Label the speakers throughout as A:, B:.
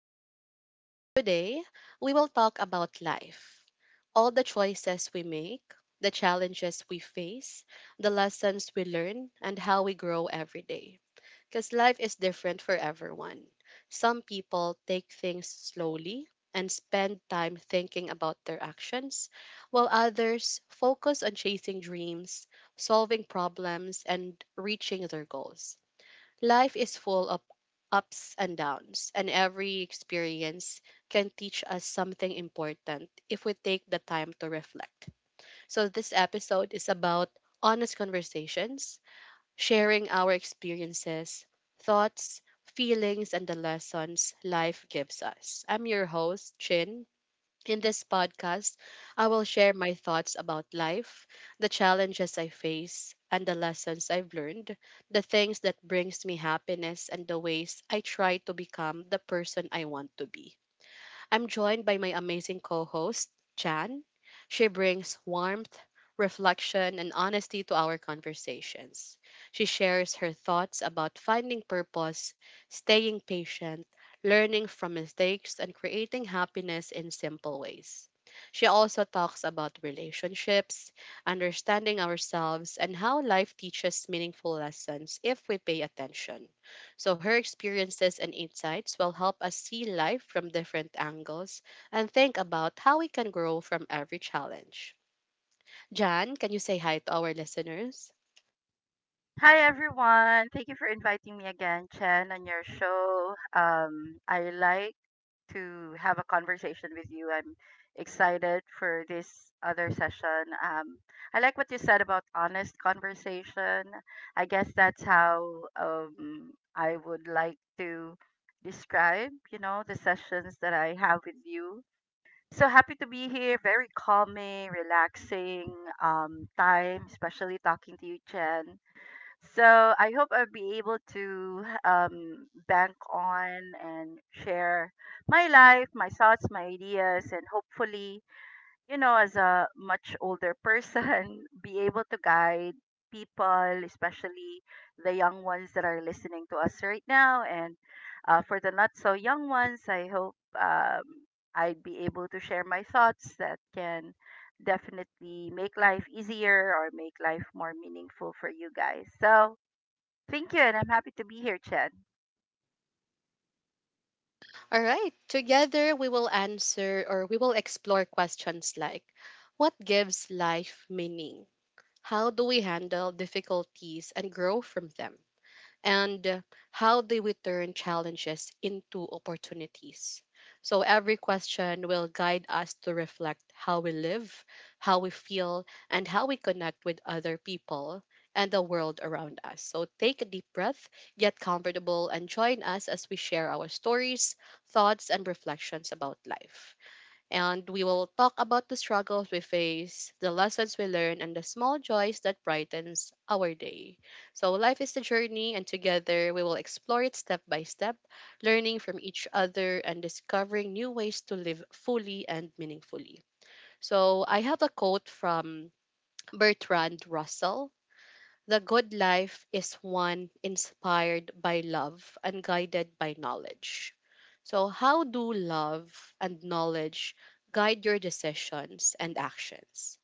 A: podcast. Today, we will talk about life, all the choices we make, the challenges we face, the lessons we learn, and how we grow every day. Because life is different for everyone. Some people take things slowly and spend time thinking about their actions, while others focus on chasing dreams, solving problems, and reaching their goals. Life is full of ups and downs, and every experience can teach us something important if we take the time to reflect. So, this episode is about honest conversations, sharing our experiences, thoughts, feelings, and the lessons life gives us. I'm your host, Chin. In this podcast, I will share my thoughts about life, the challenges I face, and the lessons I've learned, the things that brings me happiness and the ways I try to become the person I want to be. I'm joined by my amazing co host, Jan. She brings warmth, reflection, and honesty to our conversations. She shares her thoughts about finding purpose, staying patient, learning from mistakes, and creating happiness in simple ways. She also talks about relationships, understanding ourselves, and how life teaches meaningful lessons if we pay attention. So her experiences and insights will help us see life from different angles and think about how we can grow from every challenge. Jan, can you say hi to our listeners?
B: Hi everyone. Thank you for inviting me again, Chen, on your show. I like to have a conversation with you. I'm excited for this other session. I like what you said about honest conversation. I guess that's how I would like to describe the sessions that I have with you. So happy to be here. Very calming, relaxing time, especially talking to you, Chen. So I hope I'll be able to bank on and share my life, my thoughts, my ideas, and hopefully, you know, as a much older person, be able to guide people, especially the young ones that are listening to us right now. And for the not so young ones, I hope um, I'd be able to share my thoughts that can definitely make life easier or make life more meaningful for you guys. So, thank you, and I'm happy to be here, Chen.
A: All right, together we will answer, or we will explore questions like: what gives life meaning? How do we handle difficulties and grow from them? And how they would turn challenges into opportunities. So every question will guide us to reflect how we live, how we feel, and how we connect with other people and the world around us. So take a deep breath, get comfortable, and join us as we share our stories, thoughts, and reflections about life, and we will talk about the struggles we face, the lessons we learn, and the small joys that brightens our day. So life is a journey, and together we will explore it step by step, learning from each other and discovering new ways to live fully and meaningfully. So I have a quote from Bertrand Russell: the good life is one inspired by love and guided by knowledge. So, how do love and knowledge guide your decisions and actions?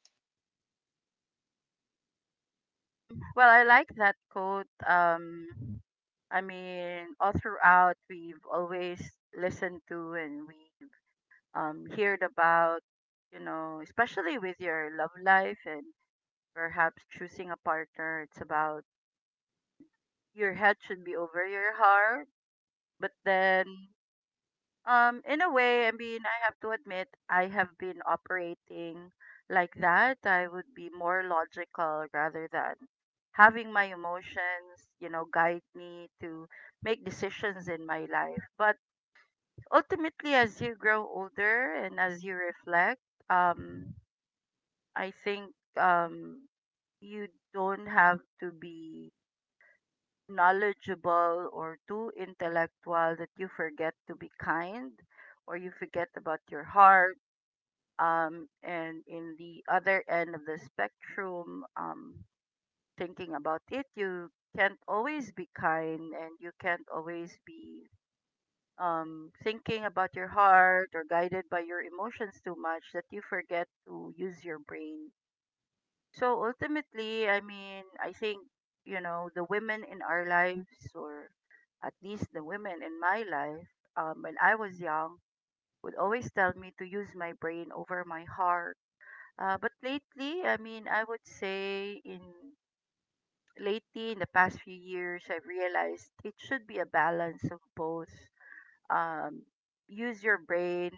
B: Well, I like that quote. I mean, all throughout, we've always listened to and we heard about, you know, especially with your love life and perhaps choosing a partner. It's about your head should be over your heart. But then, in a way, I mean, I have to admit, I have been operating like that. I would be more logical rather than having my emotions, you know, guide me to make decisions in my life. But ultimately, as you grow older and as you reflect, um, I think um, you don't have to be knowledgeable or too intellectual that you forget to be kind or you forget about your heart. And in the other end of the spectrum, thinking about it, you can't always be kind and you can't always be thinking about your heart or guided by your emotions too much that you forget to use your brain. So ultimately, I mean, I think, you know, the women in our lives, or at least the women in my life, when I was young, would always tell me to use my brain over my heart. But lately, I mean, I would say in lately in the past few years, I've realized it should be a balance of both. um, Use your brain,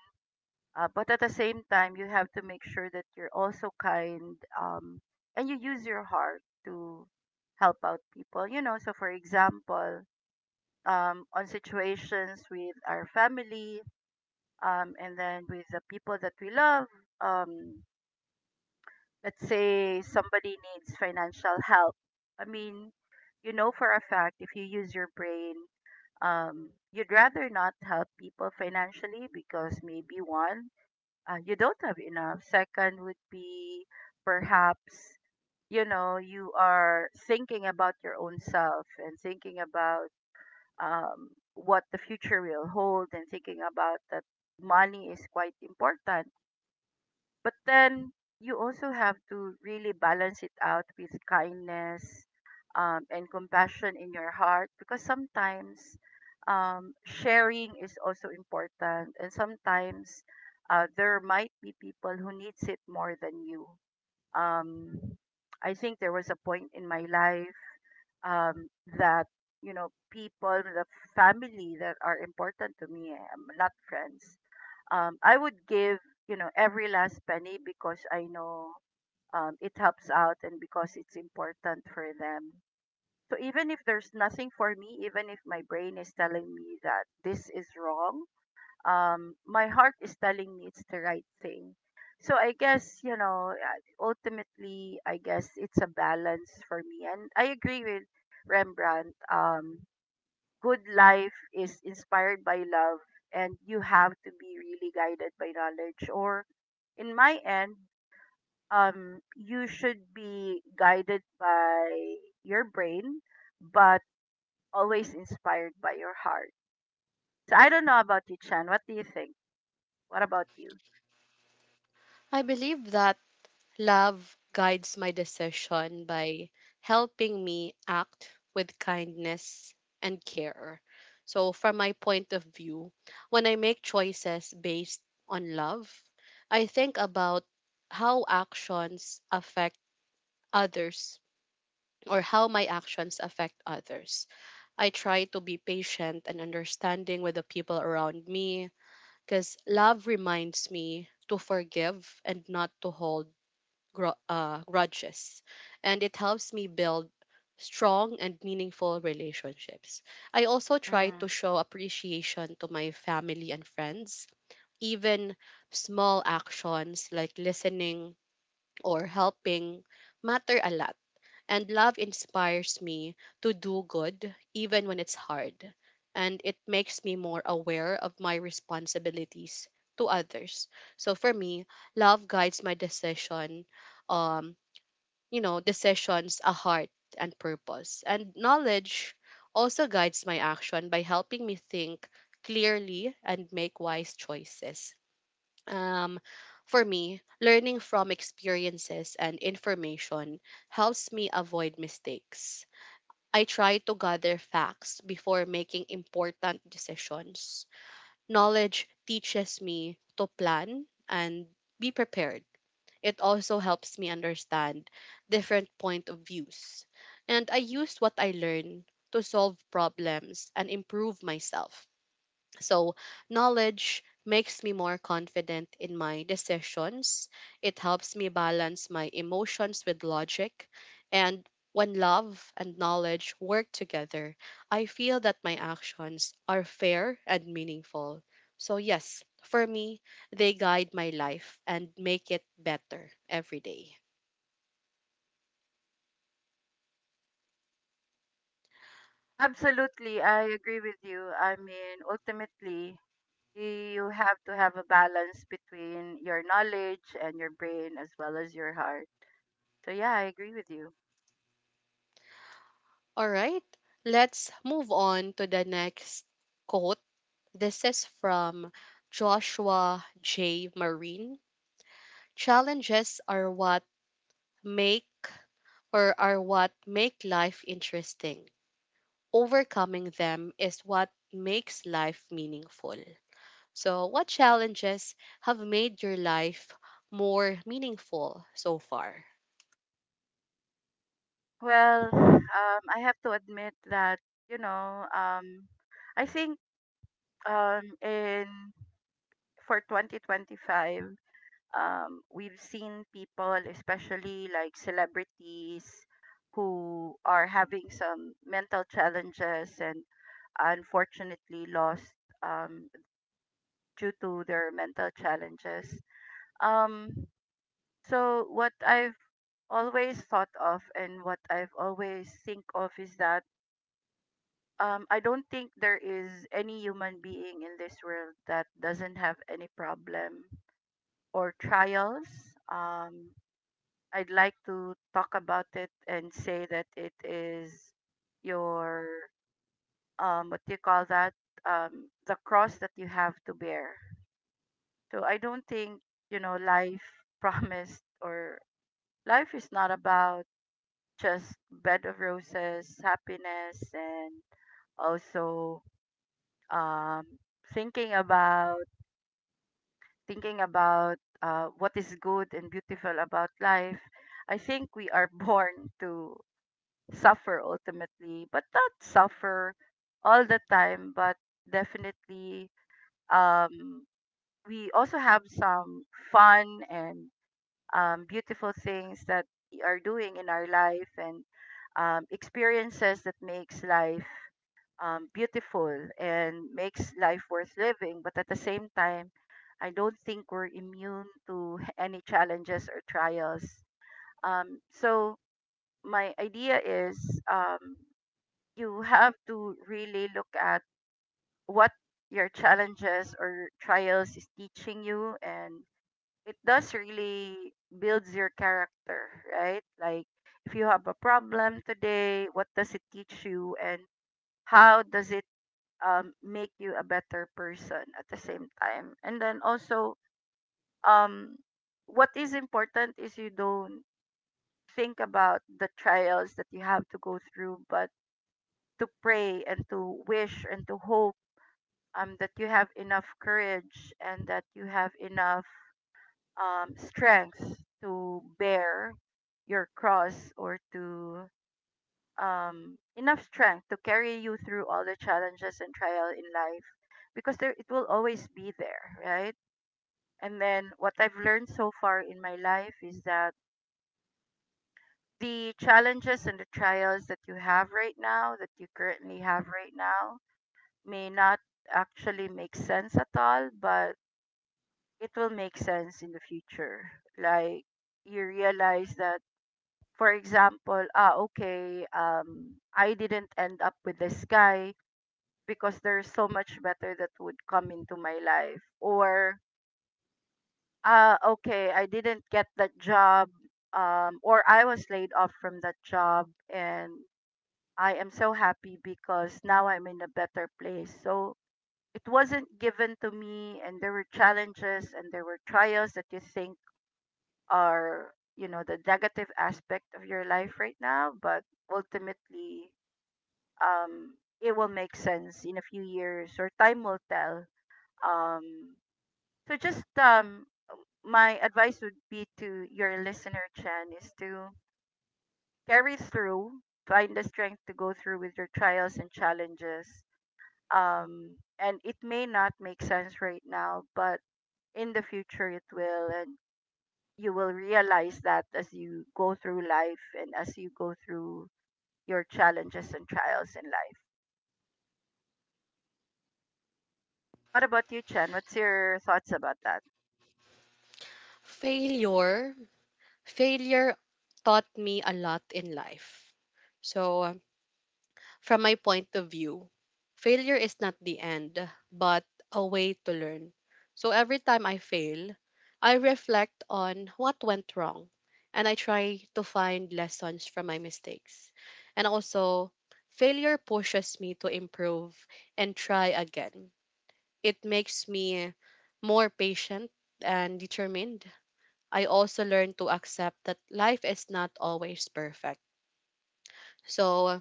B: but at the same time you have to make sure that you're also kind, and you use your heart to help out people, you know. So for example, on situations with our family, and then with the people that we love, um, let's say somebody needs financial help. I mean, you know for a fact, if you use your brain, you'd rather not help people financially because maybe one, you don't have enough. Second would be perhaps, you know, you are thinking about your own self and thinking about um what the future will hold, and thinking about that money is quite important. But then you also have to really balance it out with kindness, and compassion in your heart, because sometimes sharing is also important, and sometimes there might be people who needs it more than you. Um, I think there was a point in my life, um, that, you know, people, the family that are important to me, not friends, I would give, you know, every last penny, because I know it helps out and because it's important for them. So even if there's nothing for me, even if my brain is telling me that this is wrong, my heart is telling me it's the right thing. So I guess, you know, ultimately, I guess it's a balance for me. And I agree with Rembrandt. Good life is inspired by love, and you have to be really guided by knowledge, or in my end, you should be guided by your brain, but always inspired by your heart. So I don't know about you, Chan. What do you think? What about you?
A: I believe that love guides my decision by helping me act with kindness and care. So, from my point of view, when I make choices based on love, I think about how actions affect others, or how my actions affect others. I try to be patient and understanding with the people around me because love reminds me to forgive and not to hold grudges. And it helps me build strong and meaningful relationships. I also try
B: Mm-hmm.
A: to show appreciation to my family and friends. Even small actions like listening or helping matter a lot, and love inspires me to do good even when it's hard. And it makes me more aware of my responsibilities to others. So for me, love guides my um, decisions, a heart and purpose. And knowledge also guides my action by helping me think clearly and make wise choices. Um, for me, learning from experiences and information helps me avoid mistakes. I try to gather facts before making important decisions. Knowledge teaches me to plan and be prepared. It also helps me understand different point of views. And I use what I learn to solve problems and improve myself. So, knowledge makes me more confident in my decisions. It helps me balance my emotions with logic. And when love and knowledge work together, I feel that my actions are fair and meaningful. So, yes, for me, they guide my life and make it better every day.
B: Absolutely, I agree with you. I mean, ultimately, you have to have a balance between your knowledge and your brain as well as your heart. So yeah, I agree with you.
A: All right, let's move on to the next quote. This is from Joshua J. Marine: challenges are what make, or are what make life interesting. Overcoming them is what makes life meaningful. So, what challenges have made your life more meaningful so far?
B: Well, I have to admit that, you know, I think in for 2025, we've seen people, especially like celebrities, who are having some mental challenges and unfortunately lost, um, due to their mental challenges. Um, so what I've always thought of and what I've always think of is that I don't think there is any human being in this world that doesn't have any problem or trials. Um I'd like to talk about it and say that it is your what do you call that? The cross that you have to bear. So I don't think, you know, life promised, or life is not about just bed of roses, happiness, and also um thinking about thinking about what is good and beautiful about life. I think we are born to suffer ultimately, but not suffer all the time, but definitely um, we also have some fun and beautiful things that we are doing in our life, and experiences that makes life beautiful and makes life worth living. But at the same time, I don't think we're immune to any challenges or trials. So my idea is, you have to really look at what your challenges or trials is teaching you, and it does really builds your character, right? Like, if you have a problem today, what does it teach you and how does it make you a better person at the same time. And then also, um, what is important is you don't think about the trials that you have to go through, but to pray and to wish and to hope that you have enough courage and that you have enough strength to bear your cross, or to enough strength to carry you through all the challenges and trial in life, because there it will always be there, right? And then what I've learned so far in my life is that the challenges and the trials that you have right now, that you currently have right now, may not actually make sense at all, but it will make sense in the future. Like, you realize that, for example, ah, okay, I didn't end up with this guy because there's so much better that would come into my life. Or, uh, okay, I didn't get that job, or I was laid off from that job, and I am so happy because now I'm in a better place. So it wasn't given to me, and there were challenges and there were trials that you think are, you know, the negative aspect of your life right now, but ultimately, um, it will make sense in a few years, or time will tell. Um, so just, my advice would be to your listener, Chen, is to carry through, find the strength to go through with your trials and challenges. And it may not make sense right now, but in the future it will. And you will realize that as you go through life and as you go through your challenges and trials in life. What about you, Chen? What's your thoughts about that?
A: Failure, failure taught me a lot in life. So, from my point of view, failure is not the end, but a way to learn. So every time I fail, I reflect on what went wrong and I try to find lessons from my mistakes. And also, failure pushes me to improve and try again. It makes me more patient and determined. I also learn to accept that life is not always perfect. So,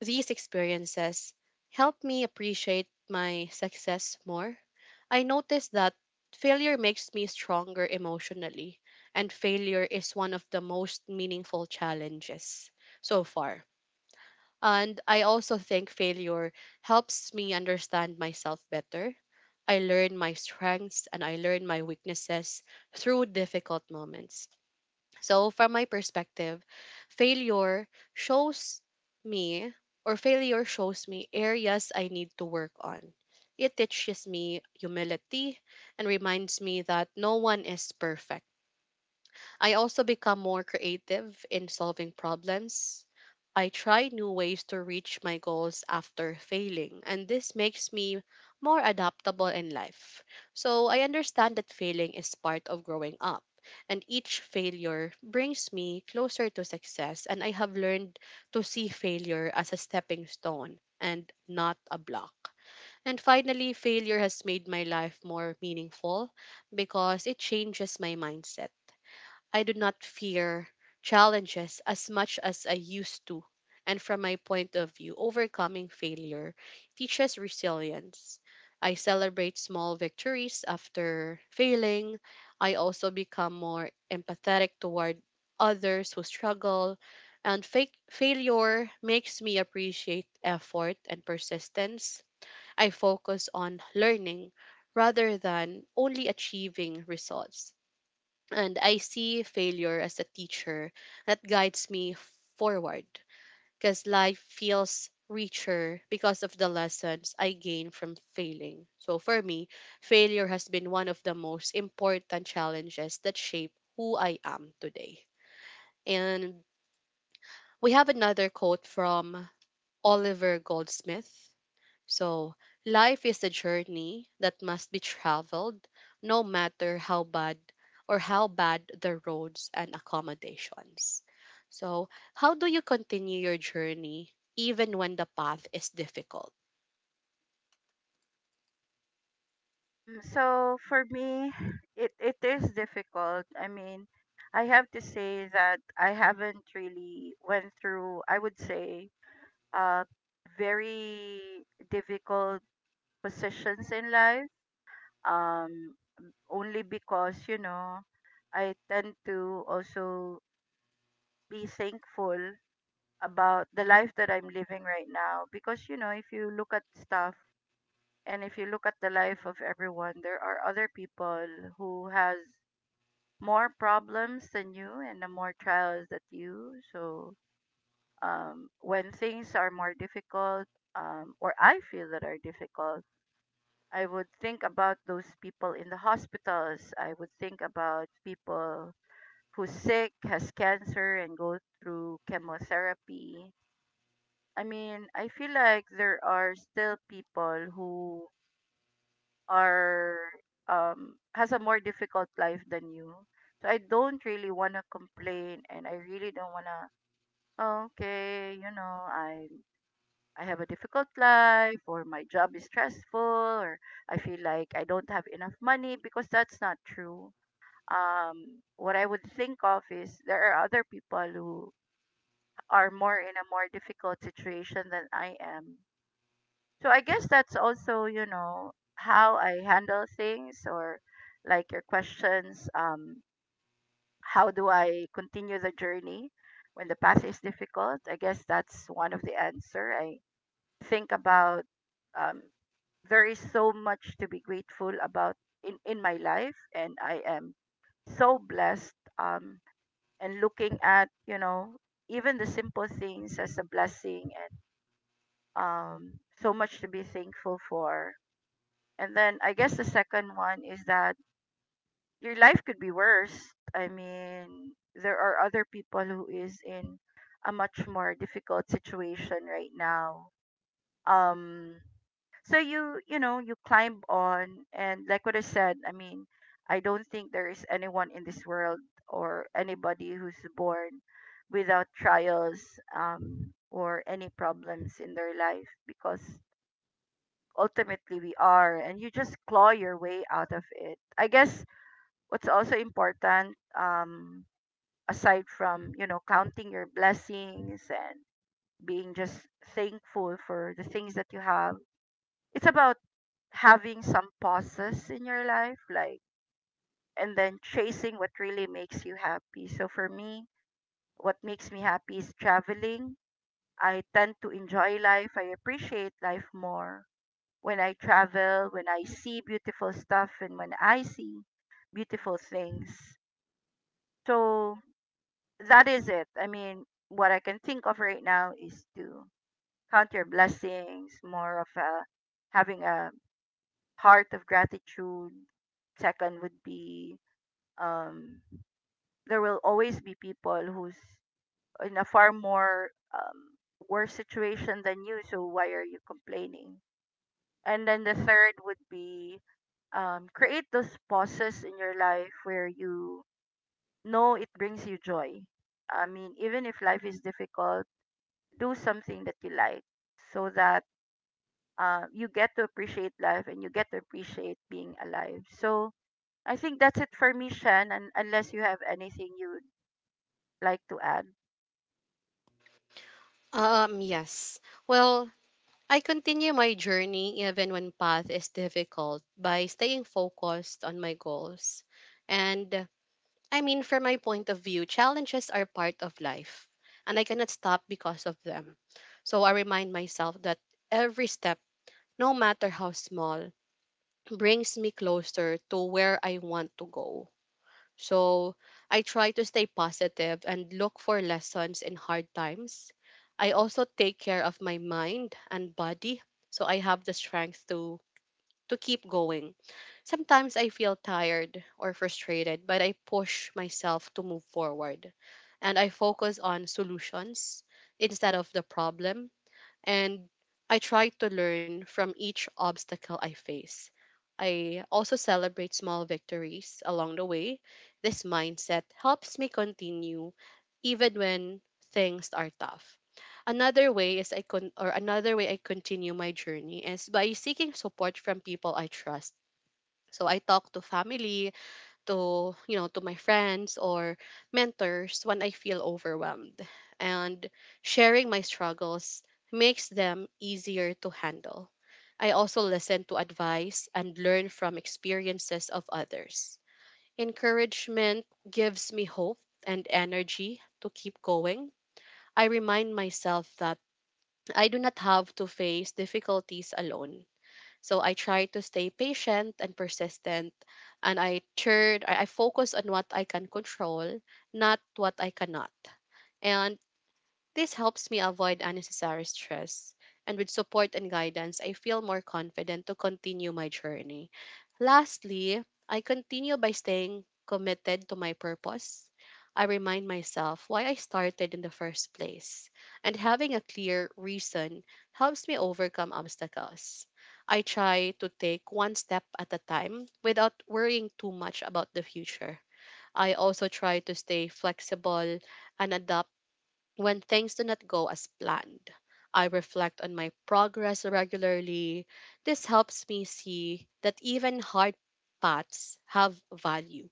A: these experiences help me appreciate my success more. I notice that failure makes me stronger emotionally, and failure is one of the most meaningful challenges so far. And I also think failure helps me understand myself better. I learn my strengths and I learn my weaknesses through difficult moments. So, from my perspective, failure shows me, failure shows me areas I need to work on. It teaches me humility and reminds me that no one is perfect. I also become more creative in solving problems. I try new ways to reach my goals after failing, and this makes me more adaptable in life. So I understand that failing is part of growing up, and each failure brings me closer to success, and I have learned to see failure as a stepping stone and not a block. And finally, failure has made my life more meaningful because it changes my mindset. I do not fear challenges as much as I used to. And from my point of view, overcoming failure teaches resilience. I celebrate small victories after failing. I also become more empathetic toward others who struggle. And fake failure makes me appreciate effort and persistence. I focus on learning rather than only achieving results, and I see failure as a teacher that guides me forward, because life feels richer because of the lessons I gain from failing. So for me, failure has been one of the most important challenges that shape who I am today. And we have another quote from Oliver Goldsmith: so, life is a journey that must be traveled no matter how bad, or how bad the roads and accommodations. So, how do you continue your journey even when the path is difficult?
B: So for me, it is difficult. I mean, I have to say that I haven't really went through, I would say, uh, very difficult positions in life. Um, Only because, you know, I tend to also be thankful about the life that I'm living right now. Because, you know, if you look at stuff and if you look at the life of everyone, there are other people who has more problems than you and the more trials that you. So when things are more difficult, or I feel that are difficult, I would think about those people in the hospitals, I would think about people who's sick, has cancer, and go through chemotherapy. I mean, I feel like there are still people who are, has a more difficult life than you. So I don't really wanna complain and I really don't wanna, "Oh, okay, you know, I have a difficult life, or my job is stressful, or I feel like I don't have enough money," because that's not true. What I would think of is there are other people who are more in a more difficult situation than I am. So I guess that's also, you know, how I handle things, or like your questions, how do I continue the journey when the path is difficult? I guess that's one of the answer. I think about um, there is so much to be grateful about in my life, and I am so blessed, and looking at, you know, even the simple things as a blessing and um, so much to be thankful for. And then I guess the second one is that your life could be worse. I mean, there are other people who is in a much more difficult situation right now. Um so you know, you climb on, and like what I said, I mean, I don't think there is anyone in this world or anybody who's born without trials, um, or any problems in their life, because ultimately we are and you just claw your way out of it. I guess what's also important, aside from, you know, counting your blessings and being just thankful for the things that you have, it's about having some pauses in your life, like, and then chasing what really makes you happy. So for me, what makes me happy is traveling. I tend to enjoy life, I appreciate life more when I travel, when I see beautiful stuff, and when I see beautiful things. So that is it. I mean, what I can think of right now is to count your blessings, more of a, having a heart of gratitude. Second would be, um, there will always be people who's in a far more, worse situation than you, so why are you complaining? And then the third would be, create those pauses in your life where you know it brings you joy. I mean, even if life is difficult, do something that you like so that, you get to appreciate life and you get to appreciate being alive. So I think that's it for me, Shan, and unless you have anything you'd like to add.
A: Um, yes. Well, I continue my journey even when path is difficult by staying focused on my goals, and I mean, from my point of view, challenges are part of life, and I cannot stop because of them. So I remind myself that every step, no matter how small, brings me closer to where I want to go. So I try to stay positive and look for lessons in hard times. I also take care of my mind and body so I have the strength to keep going. Sometimes I feel tired or frustrated, but I push myself to move forward and I focus on solutions instead of the problem. And I try to learn from each obstacle I face. I also celebrate small victories along the way. This mindset helps me continue even when things are tough. Another way I continue my journey is by seeking support from people I trust. So I talk to family, to you know to my friends or mentors when I feel overwhelmed, and sharing my struggles makes them easier to handle. I also listen to advice and learn from experiences of others. Encouragement gives me hope and energy to keep going. I remind myself that I do not have to face difficulties alone, so I try to stay patient and persistent, and I focus on what I can control, not what I cannot. And this helps me avoid unnecessary stress, and with support and guidance, I feel more confident to continue my journey. Lastly, I continue by staying committed to my purpose. I remind myself why I started in the first place, and having a clear reason helps me overcome obstacles. I try to take one step at a time without worrying too much about the future. I also try to stay flexible and adapt. When things do not go as planned, I reflect on my progress regularly. This helps me see that even hard paths have value.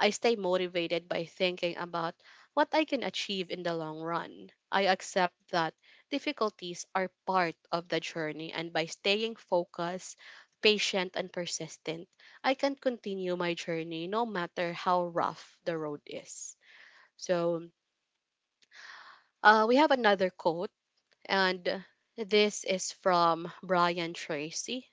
A: I stay motivated by thinking about what I can achieve in the long run. I accept that difficulties are part of the journey, and by staying focused, patient, and persistent, I can continue my journey no matter how rough the road is. So, we have another quote, and this is from Brian Tracy.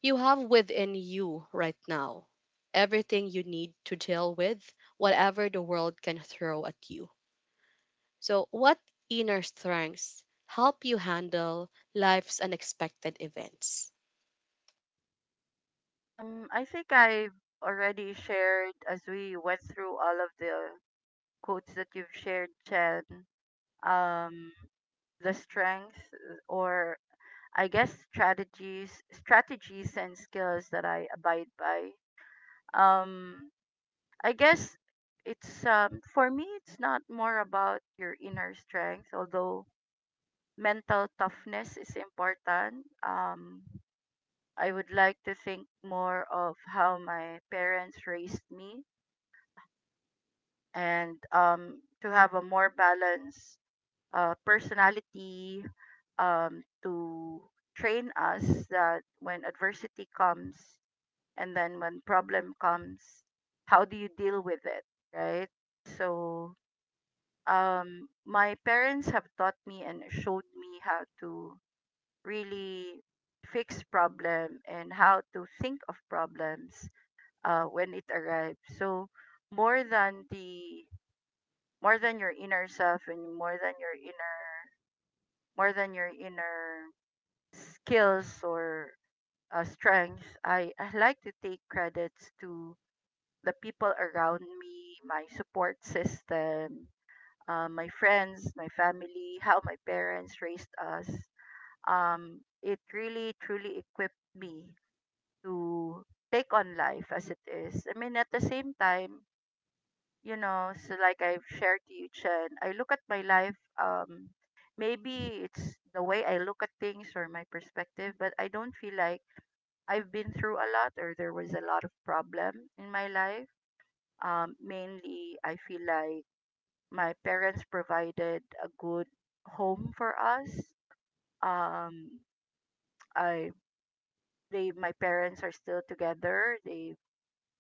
A: You have within you right now everything you need to deal with whatever the world can throw at you. So, what inner strengths help you handle life's unexpected events?
B: I think I've already shared as we went through all of the quotes that you've shared, Chen. Um, the strength, or I guess strategies and skills that I abide by. Um I guess it's, um, for me it's not more about your inner strength, although mental toughness is important. I would like to think more of how my parents raised me, and um, to have a more balanced, personality, um, to train us that when adversity comes, and then when problem comes, how do you deal with it, right? So, um, my parents have taught me and showed me how to really fix problem and how to think of problems, when it arrives. So more than the more than your inner self, and more than your inner more than your inner skills or, strengths, I like to take credits to the people around me, my support system, my friends, my family, how my parents raised us. It really truly equipped me to take on life as it is. I mean, at the same time, you know, so like I've shared to you, Chen, I look at my life. Um, maybe it's the way I look at things or my perspective, but I don't feel like I've been through a lot or there was a lot of problem in my life, mainly, I feel like my parents provided a good home for us. Um, I they my parents are still together. They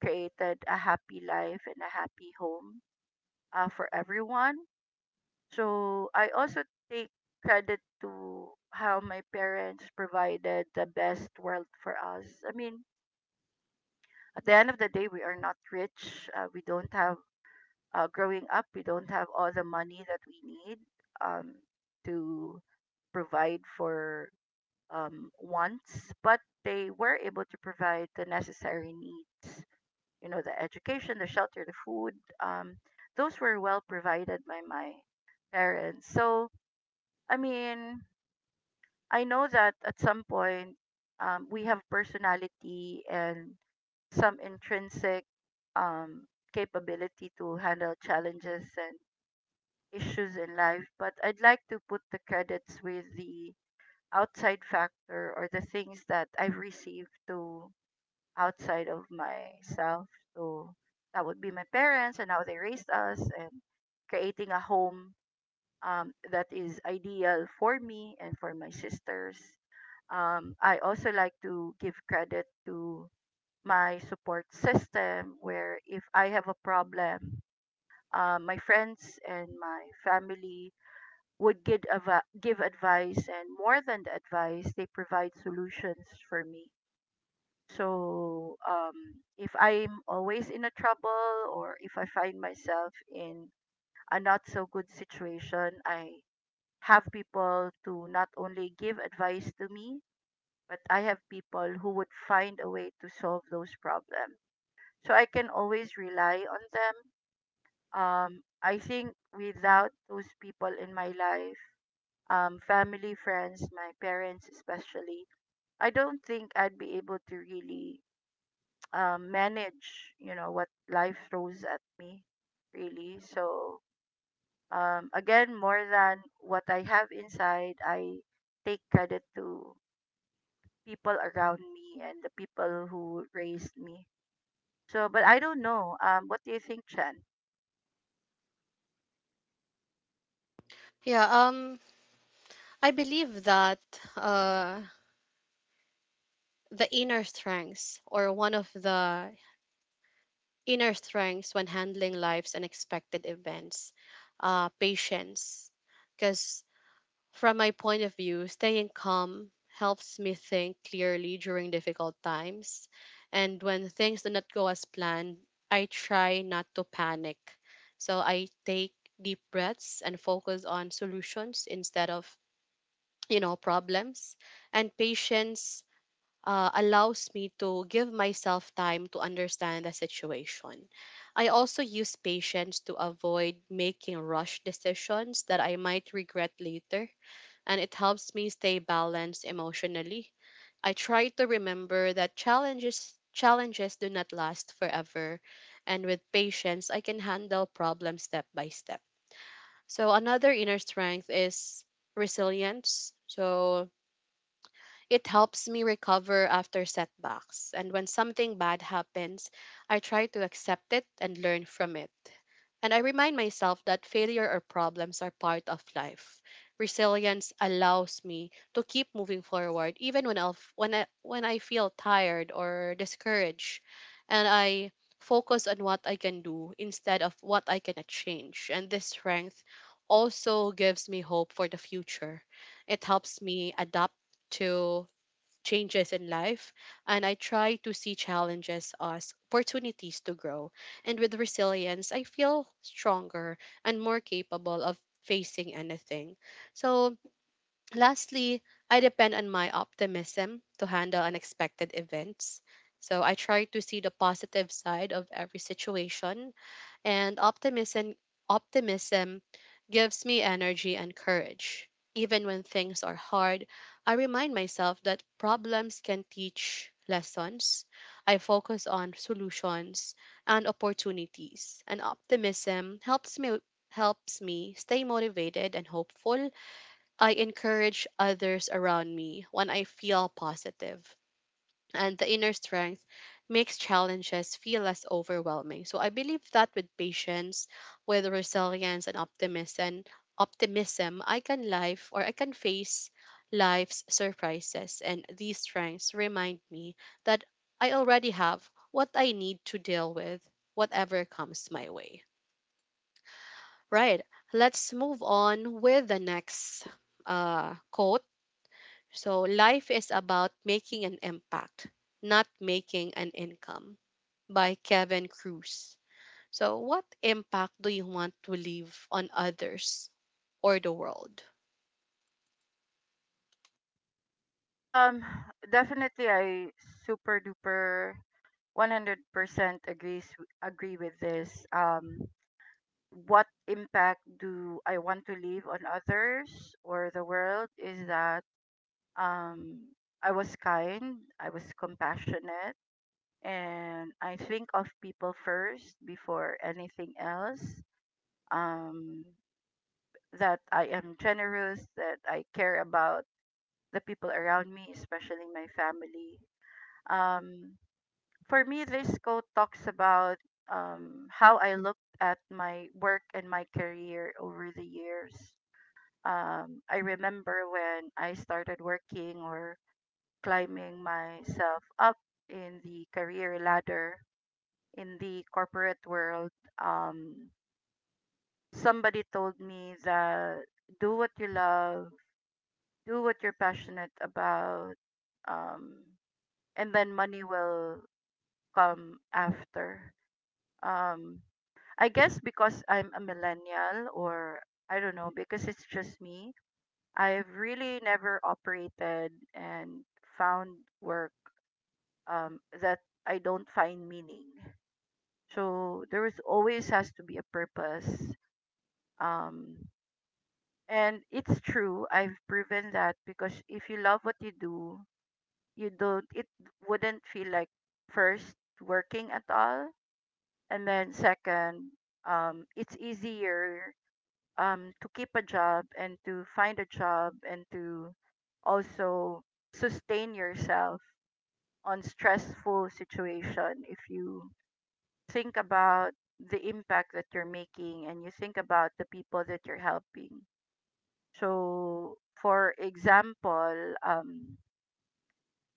B: created a happy life and a happy home, for everyone. So I also take credit to how my parents provided the best world for us. I mean, at the end of the day, we are not rich. We don't have, growing up, we don't have all the money that we need, um, to provide for, wants, but they were able to provide the necessary needs. You know, the education, the shelter, the food. Um, those were well provided by my parents. So, I mean, I know that at some point, we have personality and some intrinsic, um, capability to handle challenges and issues in life, but I'd like to put the credits with the outside factor or the things that I've received to outside of myself. So that would be my parents and how they raised us, and creating a home, that is ideal for me and for my sisters. I also like to give credit to my support system, where if I have a problem, my friends and my family would give, give advice, and more than the advice they provide solutions for me. So if I'm always in a trouble or if I find myself in a not so good situation, I have people to not only give advice to me, but I have people who would find a way to solve those problems, so I can always rely on them. Um, I think without those people in my life, family, friends, my parents especially, I don't think I'd be able to really, manage, you know, what life throws at me, really. So, again, more than what I have inside, I take credit to people around me and the people who raised me. So, but I don't know. What do you think, Chen?
A: Yeah, I believe that uh, the inner strengths, or one of the inner strengths when handling life's unexpected events, patience. Because from my point of view, staying calm helps me think clearly during difficult times. And when things do not go as planned, I try not to panic. So I take deep breaths and focus on solutions instead of, problems. And patience allows me to give myself time to understand the situation. I also use patience to avoid making rush decisions that I might regret later, and it helps me stay balanced emotionally. I try to remember that challenges do not last forever, and with patience I can handle problems step by step. So another inner strength is resilience. So it helps me recover after setbacks, and when something bad happens, I try to accept it and learn from it, and I remind myself that failure or problems are part of life. Resilience allows me to keep moving forward even when I feel tired or discouraged. And I focus on what I can do instead of what I cannot change. And this strength also gives me hope for the future. It helps me adapt to changes in life, and I try to see challenges as opportunities to grow. And with resilience, I feel stronger and more capable of facing anything. So, lastly, I depend on my optimism to handle unexpected events. So, I try to see the positive side of every situation, and optimism gives me energy and courage. Even when things are hard, I remind myself that problems can teach lessons. I focus on solutions and opportunities, and optimism helps me stay motivated and hopeful. I encourage others around me when I feel positive, and the inner strength makes challenges feel less overwhelming. So I believe that with patience, with resilience and optimism, I can life or I can face life's surprises, and these strengths remind me that I already have what I need to deal with whatever comes my way. Right. Let's move on with the next quote. So life is about making an impact, not making an income, by Kevin Cruz. So what impact do you want to leave on others or the world?
B: Um, definitely, I super duper 100% agrees agree with this. What impact do I want to leave on others or the world is that, um, I was kind, I was compassionate, and I think of people first before anything else. Um, that I am generous, that I care about the people around me, especially my family. Um, for me, this quote talks about, how I looked at my work and my career over the years. Um, I remember when I started working or climbing myself up in the career ladder in the corporate world, um, somebody told me that do what you love, do what you're passionate about, um, and then money will come after. Um, I guess because I'm a millennial, or I don't know, because it's just me, I've really never operated and found work, that I don't find meaning. So there is always has to be a purpose. Um, and it's true. I've proven that because if you love what you do, you don't. It wouldn't feel like, first, working at all, and then second, it's easier, to keep a job and to find a job and to also sustain yourself on stressful situation if you think about the impact that you're making and you think about the people that you're helping. So for example,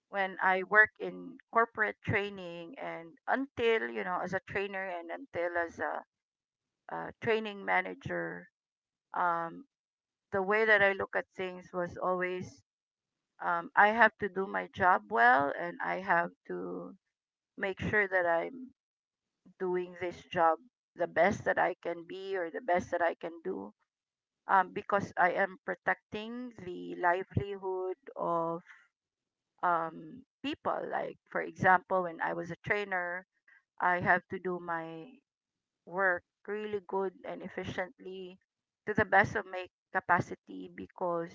B: when I work in corporate training, and until, you know, as a trainer and until as a, uh, training manager, um, the way that I look at things was always, I have to do my job well and I have to make sure that I'm doing this job the best that I can be or the best that I can do, because I am protecting the livelihood of, people. Like, for example, when I was a trainer, I have to do my work really good and efficiently to the best of my capacity, because,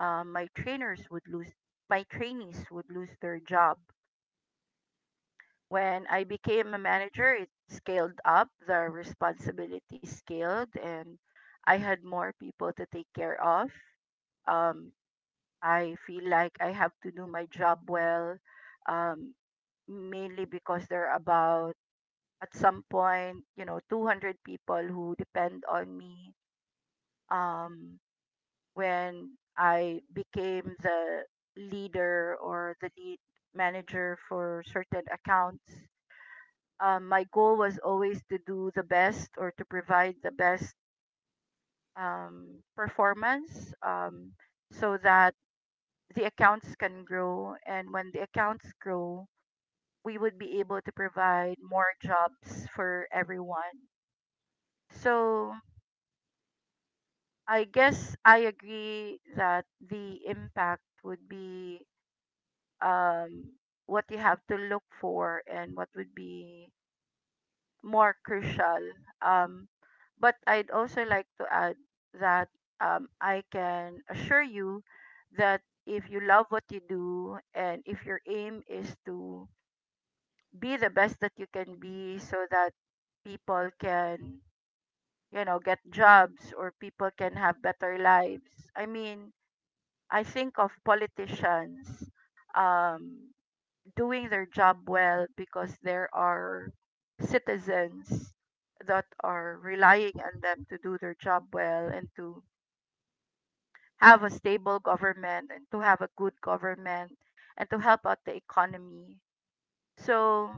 B: my trainers would lose my trainees would lose their job. When I became a manager, it scaled up, the responsibility scaled, and I had more people to take care of. Um, I feel like I have to do my job well, um, mainly because there are about, at some point, you know, 200 people who depend on me. Um, when I became the leader or the lead manager for certain accounts, my goal was always to do the best or to provide the best, performance, so that the accounts can grow. And when the accounts grow, we would be able to provide more jobs for everyone. So I guess I agree that the impact would be, um, what you have to look for and what would be more crucial. Um, but I'd also like to add that, I can assure you that if you love what you do and if your aim is to be the best that you can be so that people can, you know, get jobs or people can have better lives. I mean, I think of politicians. Um, doing their job well because there are citizens that are relying on them to do their job well, and to have a stable government and to have a good government and to help out the economy. So,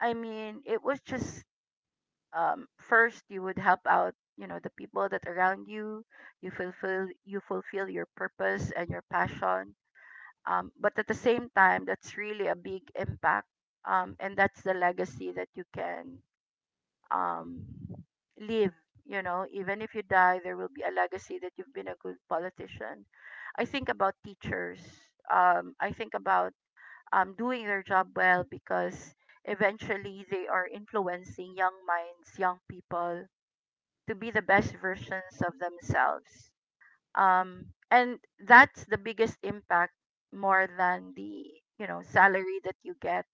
B: I mean, it was just, first you would help out, you know, the people that around you. You fulfill your purpose and your passion, but at the same time, that's really a big impact, and that's the legacy that you can, um, leave. You know, even if you die, there will be a legacy that you've been a good politician. I think about teachers. I think about, doing their job well, because eventually they are influencing young minds, young people, to be the best versions of themselves. And that's the biggest impact, more than the, you know, salary that you get.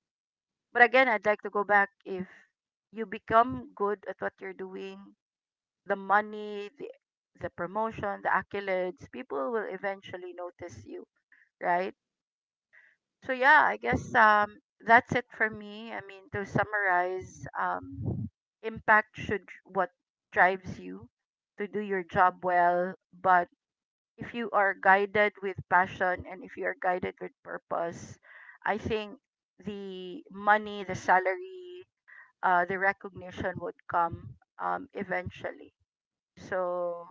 B: But again, I'd like to go back. If you become good at what you're doing, the money, the promotion, the accolades, people will eventually notice you, right? So yeah, I guess, that's it for me. I mean, to summarize, impact should what drives you to do your job well. But if you are guided with passion and if you are guided with purpose, I think the money, the salary, the recognition would come, eventually. So,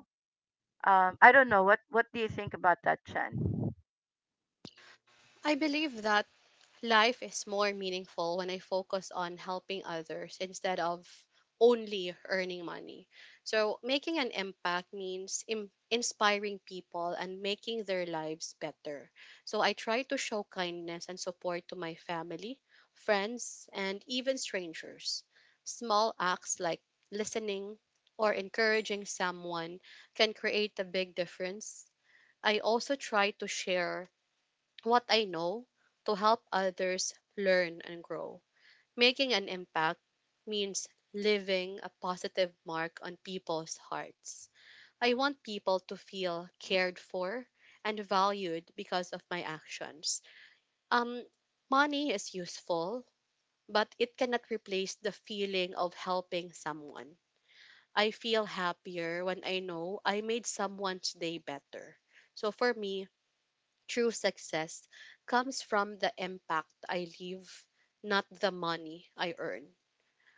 B: I don't know, what do you think about that, Chen?
A: I believe that life is more meaningful when I focus on helping others instead of only earning money. So, making an impact means im- inspiring people and making their lives better. So, I try to show kindness and support to my family, friends, and even strangers. Small acts like listening or encouraging someone can create a big difference. I also try to share what I know to help others learn and grow. Making an impact means leaving a positive mark on people's hearts. I want people to feel cared for and valued because of my actions. Um, Money is useful, but it cannot replace the feeling of helping someone. I feel happier when I know I made someone's day better. So for me, true success comes from the impact I leave, not the money I earn.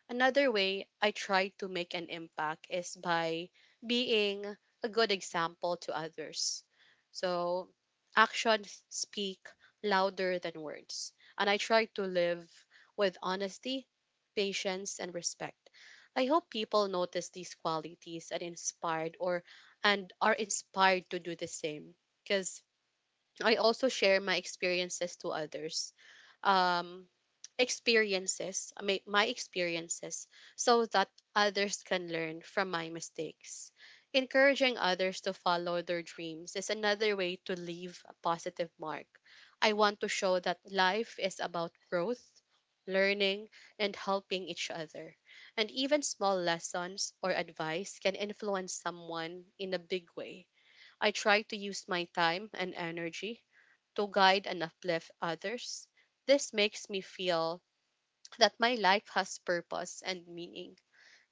A: Another way I try to make an impact is by being a good example to others. So, actions speak louder than words, and I try to live with honesty, patience, and respect. I hope people notice these qualities and inspired or and are inspired to do the same, because I also share my experiences to others. Um, Experiences, my experiences, so that others can learn from my mistakes. Encouraging others to follow their dreams is another way to leave a positive mark. I want to show that life is about growth, learning, and helping each other. And even small lessons or advice can influence someone in a big way. I try to use my time and energy to guide and uplift others. This makes me feel that my life has purpose and meaning.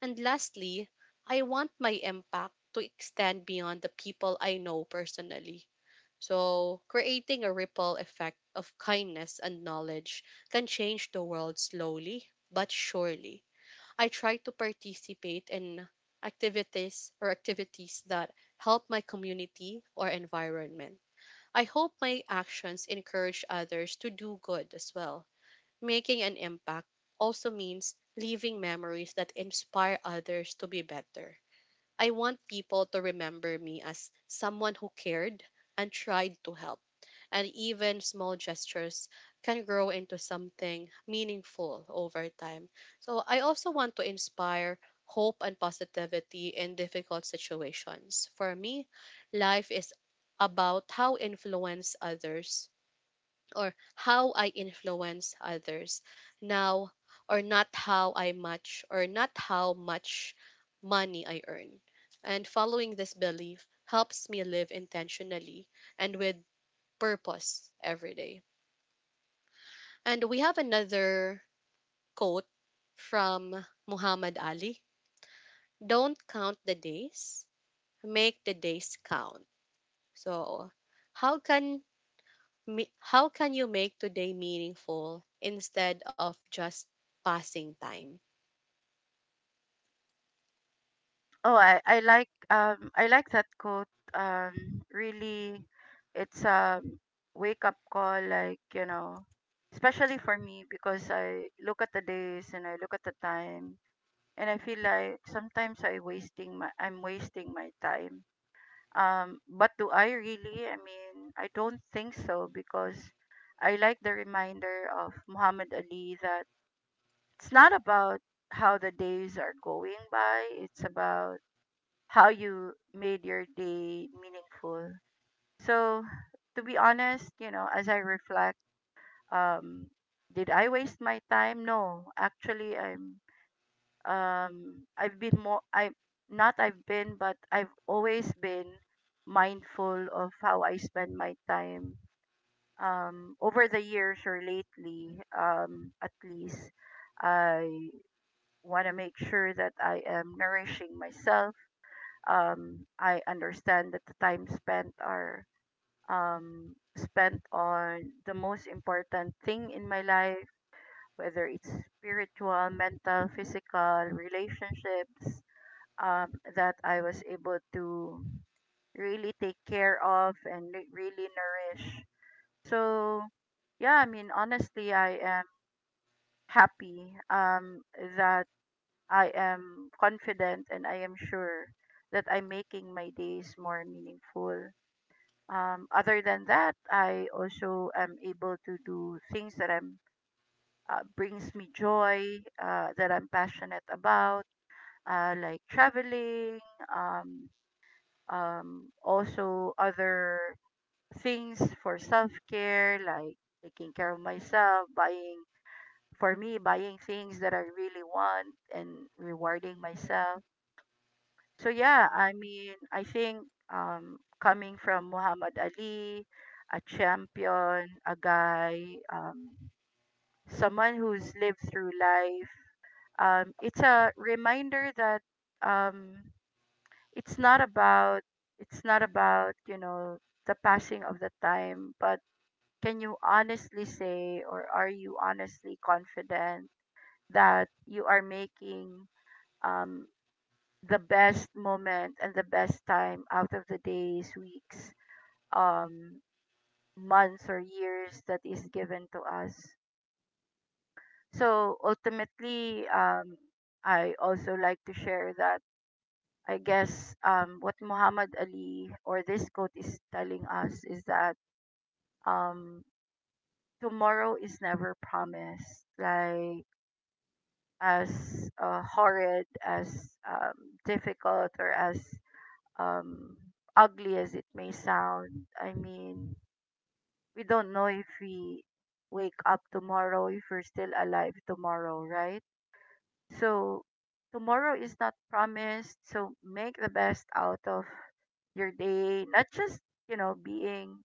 A: And lastly, I want my impact to extend beyond the people I know personally. So, creating a ripple effect of kindness and knowledge can change the world slowly but surely. I try to participate in activities that help my community or environment. I hope my actions encourage others to do good as well. Making an impact also means leaving memories that inspire others to be better. I want people to remember me as someone who cared and tried to help, and even small gestures can grow into something meaningful over time. So I also want to inspire hope and positivity in difficult situations. For me, life is about how influence others or how I influence others now, or not how I much or not how much money I earn. And following this belief helps me live intentionally and with purpose every day. And we have another quote from Muhammad Ali: don't count the days, make the days count. So, how can me- how can you make today meaningful instead of just passing time?
B: Oh, I like, I like that quote. Really, it's a wake up call. Like, you know, especially for me, because I look at the days and I look at the time, and I feel like sometimes I'm wasting my time. But do I really? I mean, I don't think so, because I like the reminder of Muhammad Ali that it's not about how the days are going by, it's about how you made your day meaningful. So, to be honest, you know, as I reflect, um, did I waste my time? No, actually, I'm I've been more I not I've been but I've always been mindful of how I spend my time, over the years, or lately, at least I want to make sure that I am nourishing myself. I understand that the time spent are, spent on the most important thing in my life, whether it's spiritual, mental, physical, relationships, that I was able to really take care of and really nourish. So, yeah, I mean, honestly, I am happy, that I am confident and I am sure that I'm making my days more meaningful. Other than that, I also am able to do things that I'm brings me joy, that I'm passionate about, like traveling, um, also other things for self care, like taking care of myself, buying for me, buying things that I really want and rewarding myself. So yeah, I mean, I think, coming from Muhammad Ali, a champion, a guy, um, someone who's lived through life, it's a reminder that, um, it's not about it's not about you know, the passing of the time, but can you honestly say, or are you honestly confident, that you are making, um, the best moment and the best time out of the days, weeks, um, months, or years that is given to us. So ultimately, I also like to share that, I guess, what Muhammad Ali or this quote is telling us is that, um, tomorrow is never promised. Like, as horrid, as, difficult, or as, um, ugly as it may sound. I mean, we don't know if we wake up tomorrow, if we're still alive tomorrow, right? So tomorrow is not promised. So make the best out of your day, not just, you know, being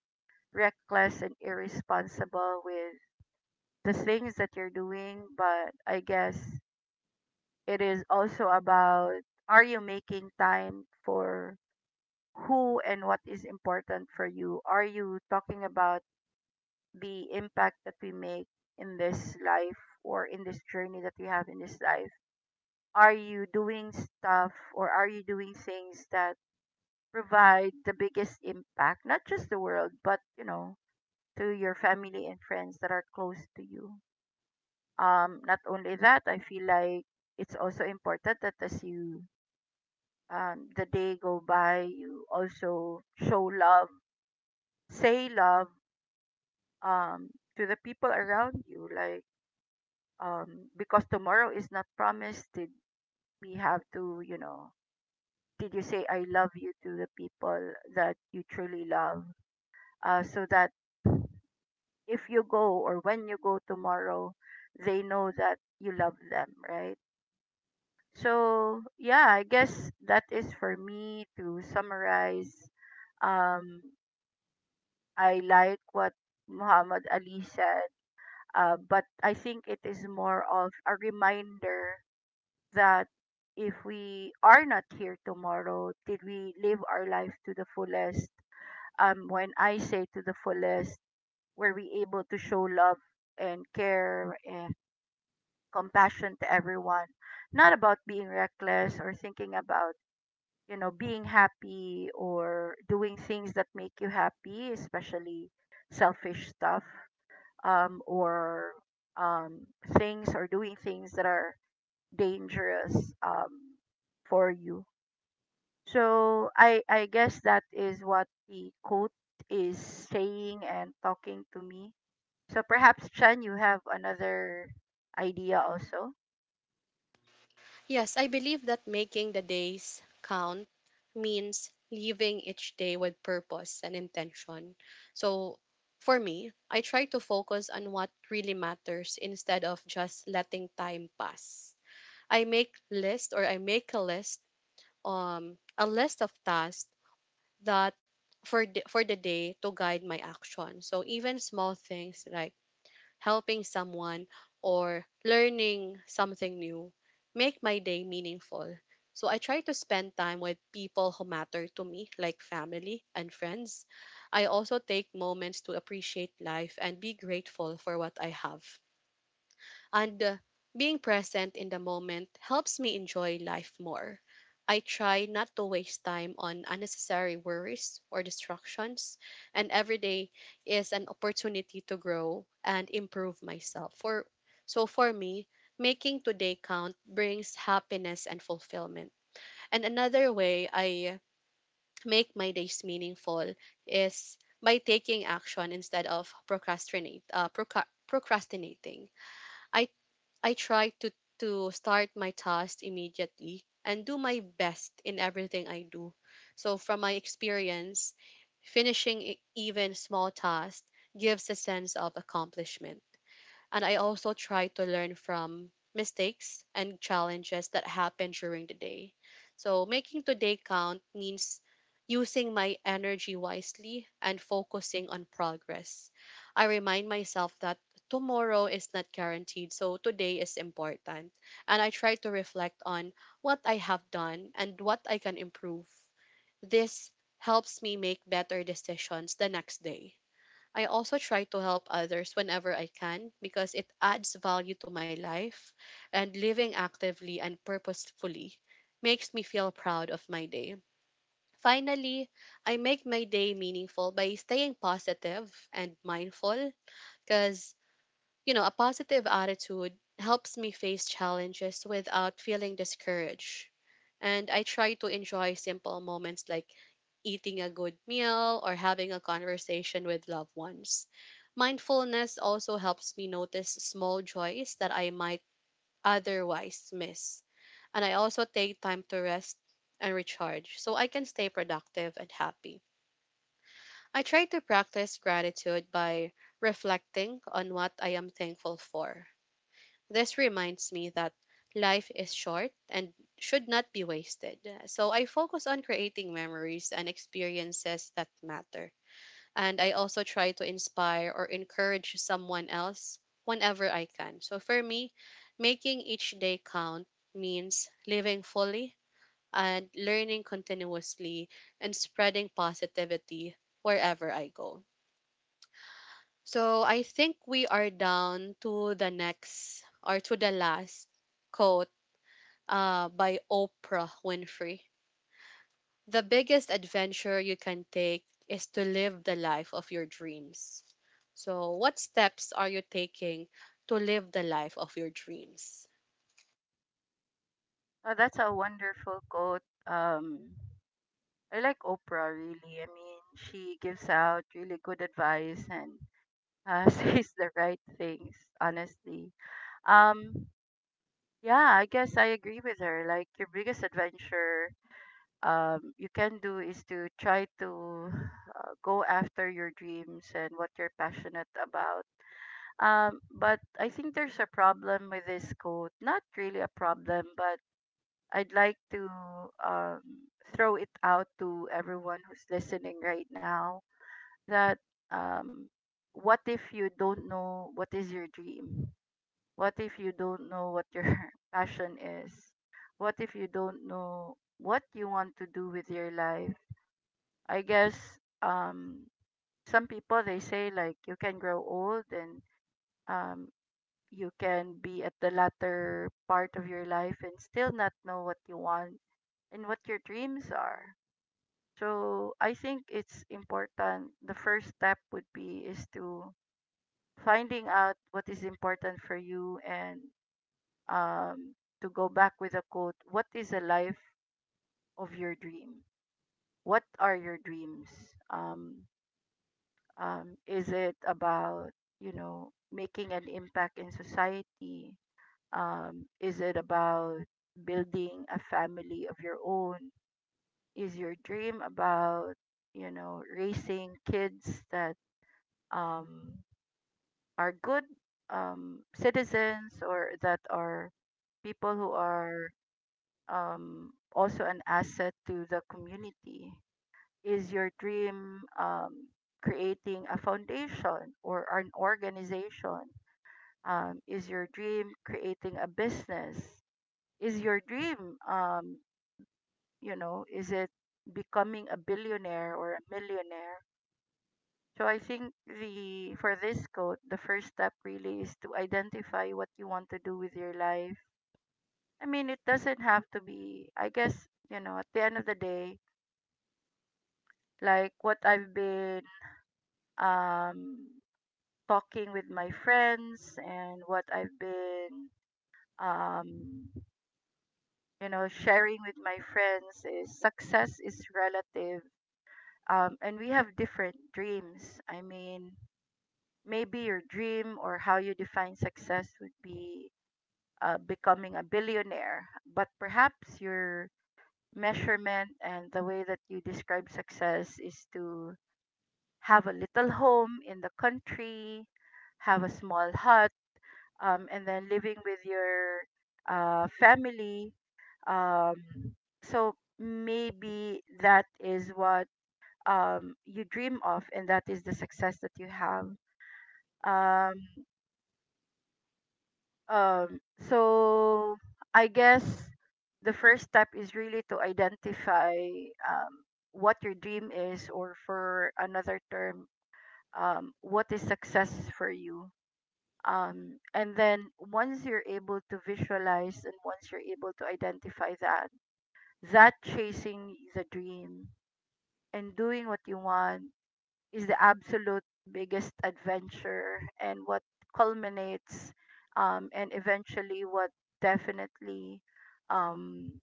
B: reckless and irresponsible with the things that you're doing. But I guess it is also about, are you making time for who and what is important for you? Are you talking about the impact that we make in this life, or in this journey that we have in this life? Are you doing stuff, or are you doing things that provide the biggest impact, not just the world, but you know, to your family and friends that are close to you. Not only that, I feel like it's also important that as you, the day go by, you also show love, say love, um to the people around you. Like, because tomorrow is not promised, did we have to, you know, did you say I love you to the people that you truly love, so that if you go, or when you go tomorrow, they know that you love them, right? So, yeah, I guess that is for me to summarize. Um, I like what Muhammad Ali said, but I think it is more of a reminder that if we are not here tomorrow, did we live our life to the fullest? Um, when I say to the fullest, were we able to show love and care and compassion to everyone? Not about being reckless or thinking about, you know, being happy or doing things that make you happy, especially selfish stuff, or um, things, or doing things that are dangerous, for you. So I guess that is what the quote is saying and talking to me. So perhaps, Chen, you have another idea also.
A: Yes, I believe that making the days count means leaving each day with purpose and intention. So, for me, I try to focus on what really matters instead of just letting time pass. I make list or I make a list, a list of tasks that for for the day to guide my action. So even small things like helping someone or learning something new make my day meaningful. So I try to spend time with people who matter to me, like family and friends. I also take moments to appreciate life and be grateful for what I have, and being present in the moment helps me enjoy life more. I try not to waste time on unnecessary worries or distractions, and every day is an opportunity to grow and improve myself. For so for me, making today count brings happiness and fulfillment. And another way I make my days meaningful is by taking action instead of procrastinate procrastinating. I I try to start my task immediately and do my best in everything I do. So from my experience, finishing e- even small tasks gives a sense of accomplishment. And I also try to learn from mistakes and challenges that happen during the day. So making today count means using my energy wisely and focusing on progress. I remind myself that tomorrow is not guaranteed, so today is important. And I try to reflect on what I have done and what I can improve. This helps me make better decisions the next day. I also try to help others whenever I can because it adds value to my life, and living actively and purposefully makes me feel proud of my day. Finally, I make my day meaningful by staying positive and mindful, because, you know, a positive attitude helps me face challenges without feeling discouraged. And I try to enjoy simple moments like eating a good meal or having a conversation with loved ones. Mindfulness also helps me notice small joys that I might otherwise miss. And I also take time to rest and recharge so I can stay productive and happy. I try to practice gratitude by reflecting on what I am thankful for. This reminds me that life is short and should not be wasted. So I focus on creating memories and experiences that matter. And I also try to inspire or encourage someone else whenever I can. So for me, making each day count means living fully, and learning continuously, and spreading positivity wherever I go. So I think we are down to the next or to the last quote, by Oprah Winfrey. The biggest adventure you can take is to live the life of your dreams. So, what steps are you taking to live the life of your dreams?
B: Oh, that's a wonderful quote. I like Oprah, really. I mean, she gives out really good advice and, says the right things. Honestly, um, yeah, I guess I agree with her. Like, your biggest adventure, you can do, is to try to, go after your dreams and what you're passionate about. But I think there's a problem with this quote. Not really a problem, but I'd like to, um, throw it out to everyone who's listening right now that, um, what if you don't know what is your dream? What if you don't know what your passion is? What if you don't know what you want to do with your life? I guess, um some people, they say like you can grow old and, um you can be at the latter part of your life and still not know what you want and what your dreams are. So I think it's important, the first step would be is to finding out what is important for you, and, um to go back with a quote, what is the life of your dream? What are your dreams? Um is it about, you know, making an impact in society? Is it about building a family of your own? Is your dream about, you know, raising kids that, um, are good, citizens, or that are people who are, also an asset to the community? Is your dream, creating a foundation or an organization? Is your dream creating a business? Is your dream, you know, is it becoming a billionaire or a millionaire? So I think the, for this quote, the first step really is to identify what you want to do with your life. I mean, it doesn't have to be. I guess, you know, at the end of the day, like what I've been, um talking with my friends, and what I've been, um, you know, sharing with my friends, is success is relative. And we have different dreams. I mean, maybe your dream, or how you define success, would be, becoming a billionaire, but perhaps your measurement and the way that you describe success is to have a little home in the country, have a small hut, and then living with your, family. Um, so maybe that is what, you dream of, and that is the success that you have. Um, so I guess the first step is really to identify, um, what your dream is, or for another term, what is success for you. Um, and then once you're able to visualize and once you're able to identify that, that chasing the dream and doing what you want is the absolute biggest adventure, and what culminates, and eventually what definitely, um,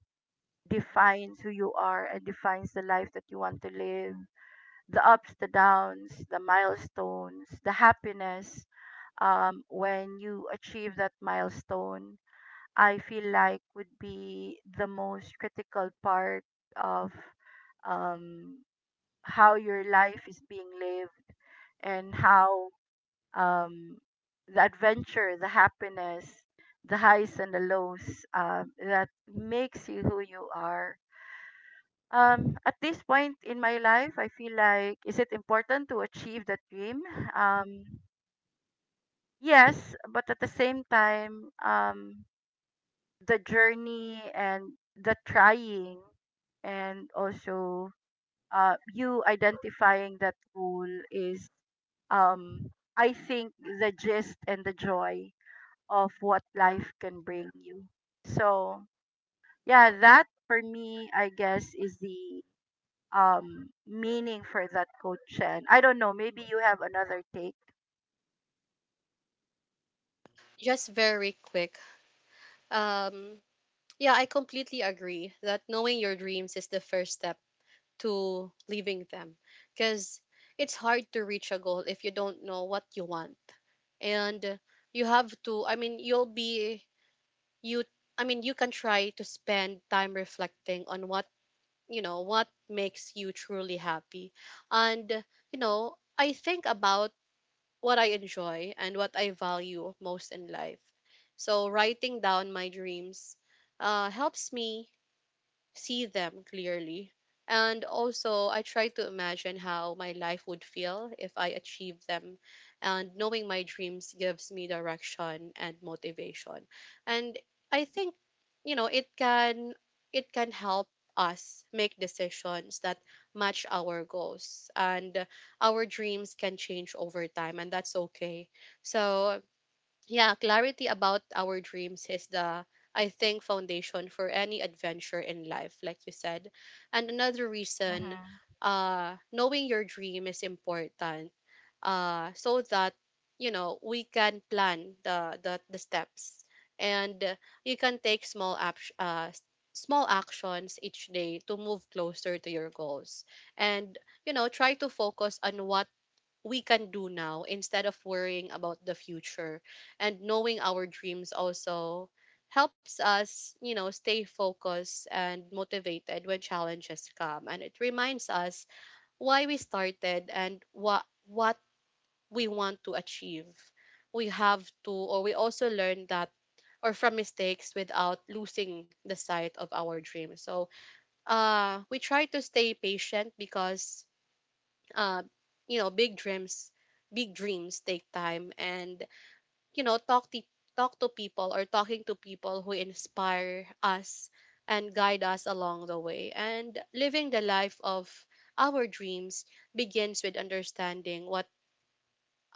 B: defines who you are and defines the life that you want to live, the ups, the downs, the milestones, the happiness, when you achieve that milestone, I feel like would be the most critical part of, um, how your life is being lived, and how, um, the adventure, the happiness, the highs and the lows, that makes you who you are. At this point in my life, I feel like, is it important to achieve that dream? Um, Yes, but at the same time, the journey and the trying, and also, you identifying that goal is, um, I think, the gist and the joy of what life can bring you. So, yeah, that for me, I guess, is the, meaning for that coach. And I don't know, maybe you have another take.
A: Just very quick. Um, yeah, I completely agree that knowing your dreams is the first step to leaving them, because it's hard to reach a goal if you don't know what you want. And you have to, I mean, you'll be you I mean you can try to spend time reflecting on what, you know, what makes you truly happy. And you know, I think about what I enjoy and what I value most in life. So writing down my dreams helps me see them clearly. And also, I try to imagine how my life would feel if I achieved them. And knowing my dreams gives me direction and motivation. And I think, you know, it can help us make decisions that match our goals, and our dreams can change over time, and that's okay. So yeah, clarity about our dreams is the, I think, foundation for any adventure in life, like you said. And another reason,
B: Mm-hmm.
A: knowing your dream is important, so that you know we can plan the steps, and you can take small actions each day to move closer to your goals, and you know try to focus on what we can do now instead of worrying about the future. And knowing our dreams also helps us, you know, stay focused and motivated when challenges come. And it reminds us why we started and what we want to achieve. We have to or we also learn that or from mistakes without losing the sight of our dream. So we try to stay patient because, uh, you know, big dreams take time, and you know, talk to people or talking to people who inspire us and guide us along the way. And living the life of our dreams begins with understanding what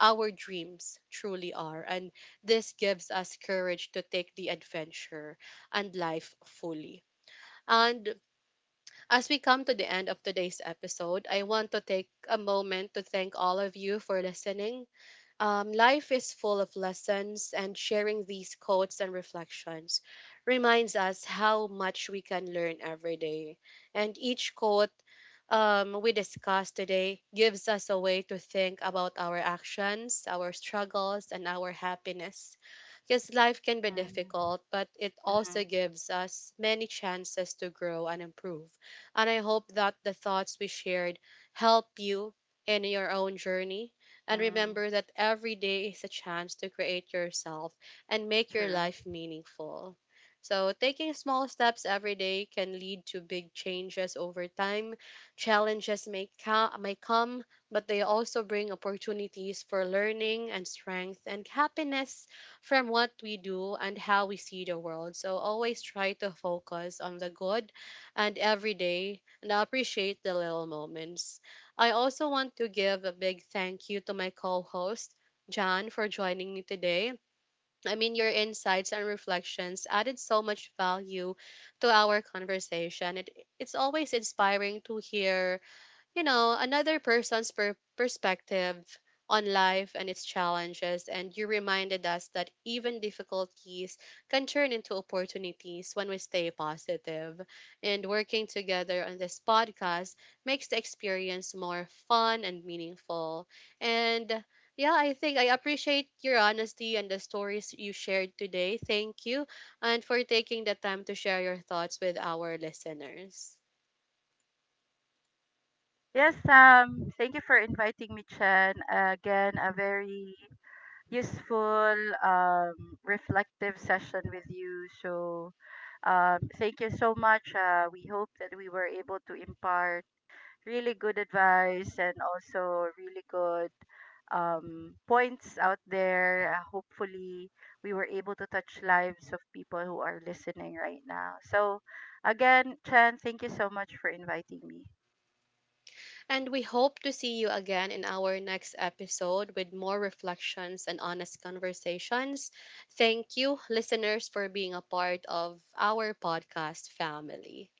A: our dreams truly are, and this gives us courage to take the adventure and life fully. And as we come to the end of today's episode, I want to take a moment to thank all of you for listening. Life is full of lessons, and sharing these quotes and reflections reminds us how much we can learn every day. And each quote, we discuss today, gives us a way to think about our actions, our struggles, and our happiness. Because life can be
B: Mm-hmm.
A: difficult, but it
B: Mm-hmm.
A: also gives us many chances to grow and improve. And I hope that the thoughts we shared help you in your own journey, and
B: Mm,
A: remember that every day is a chance to create yourself and make your
B: true.
A: life meaningful. So, taking small steps every day can lead to big changes over time. Challenges may come, but they also bring opportunities for learning and strength and happiness from what we do and how we see the world. So, always try to focus on the good and every day, and appreciate the little moments. I also want to give a big thank you to my co host, John, for joining me today. I mean, your insights and reflections added so much value to our conversation. It's always inspiring to hear, you know, another person's perspective on life and its challenges. And you reminded us that even difficulties can turn into opportunities when we stay positive. And working together on this podcast makes the experience more fun and meaningful. And yeah, I think I appreciate your honesty and the stories you shared today. Thank you. And for taking the time to share your thoughts with our listeners.
B: Yes, thank you for inviting me, Chen. Again, a very useful, reflective session with you. So, thank you so much. We hope that we were able to impart really good advice and also really good, points out there. Hopefully, we were able to touch lives of people who are listening right now. So, again, Chen, thank you so much for inviting me.
A: And we hope to see you again in our next episode with more reflections and honest conversations. Thank you, listeners, for being a part of our podcast family.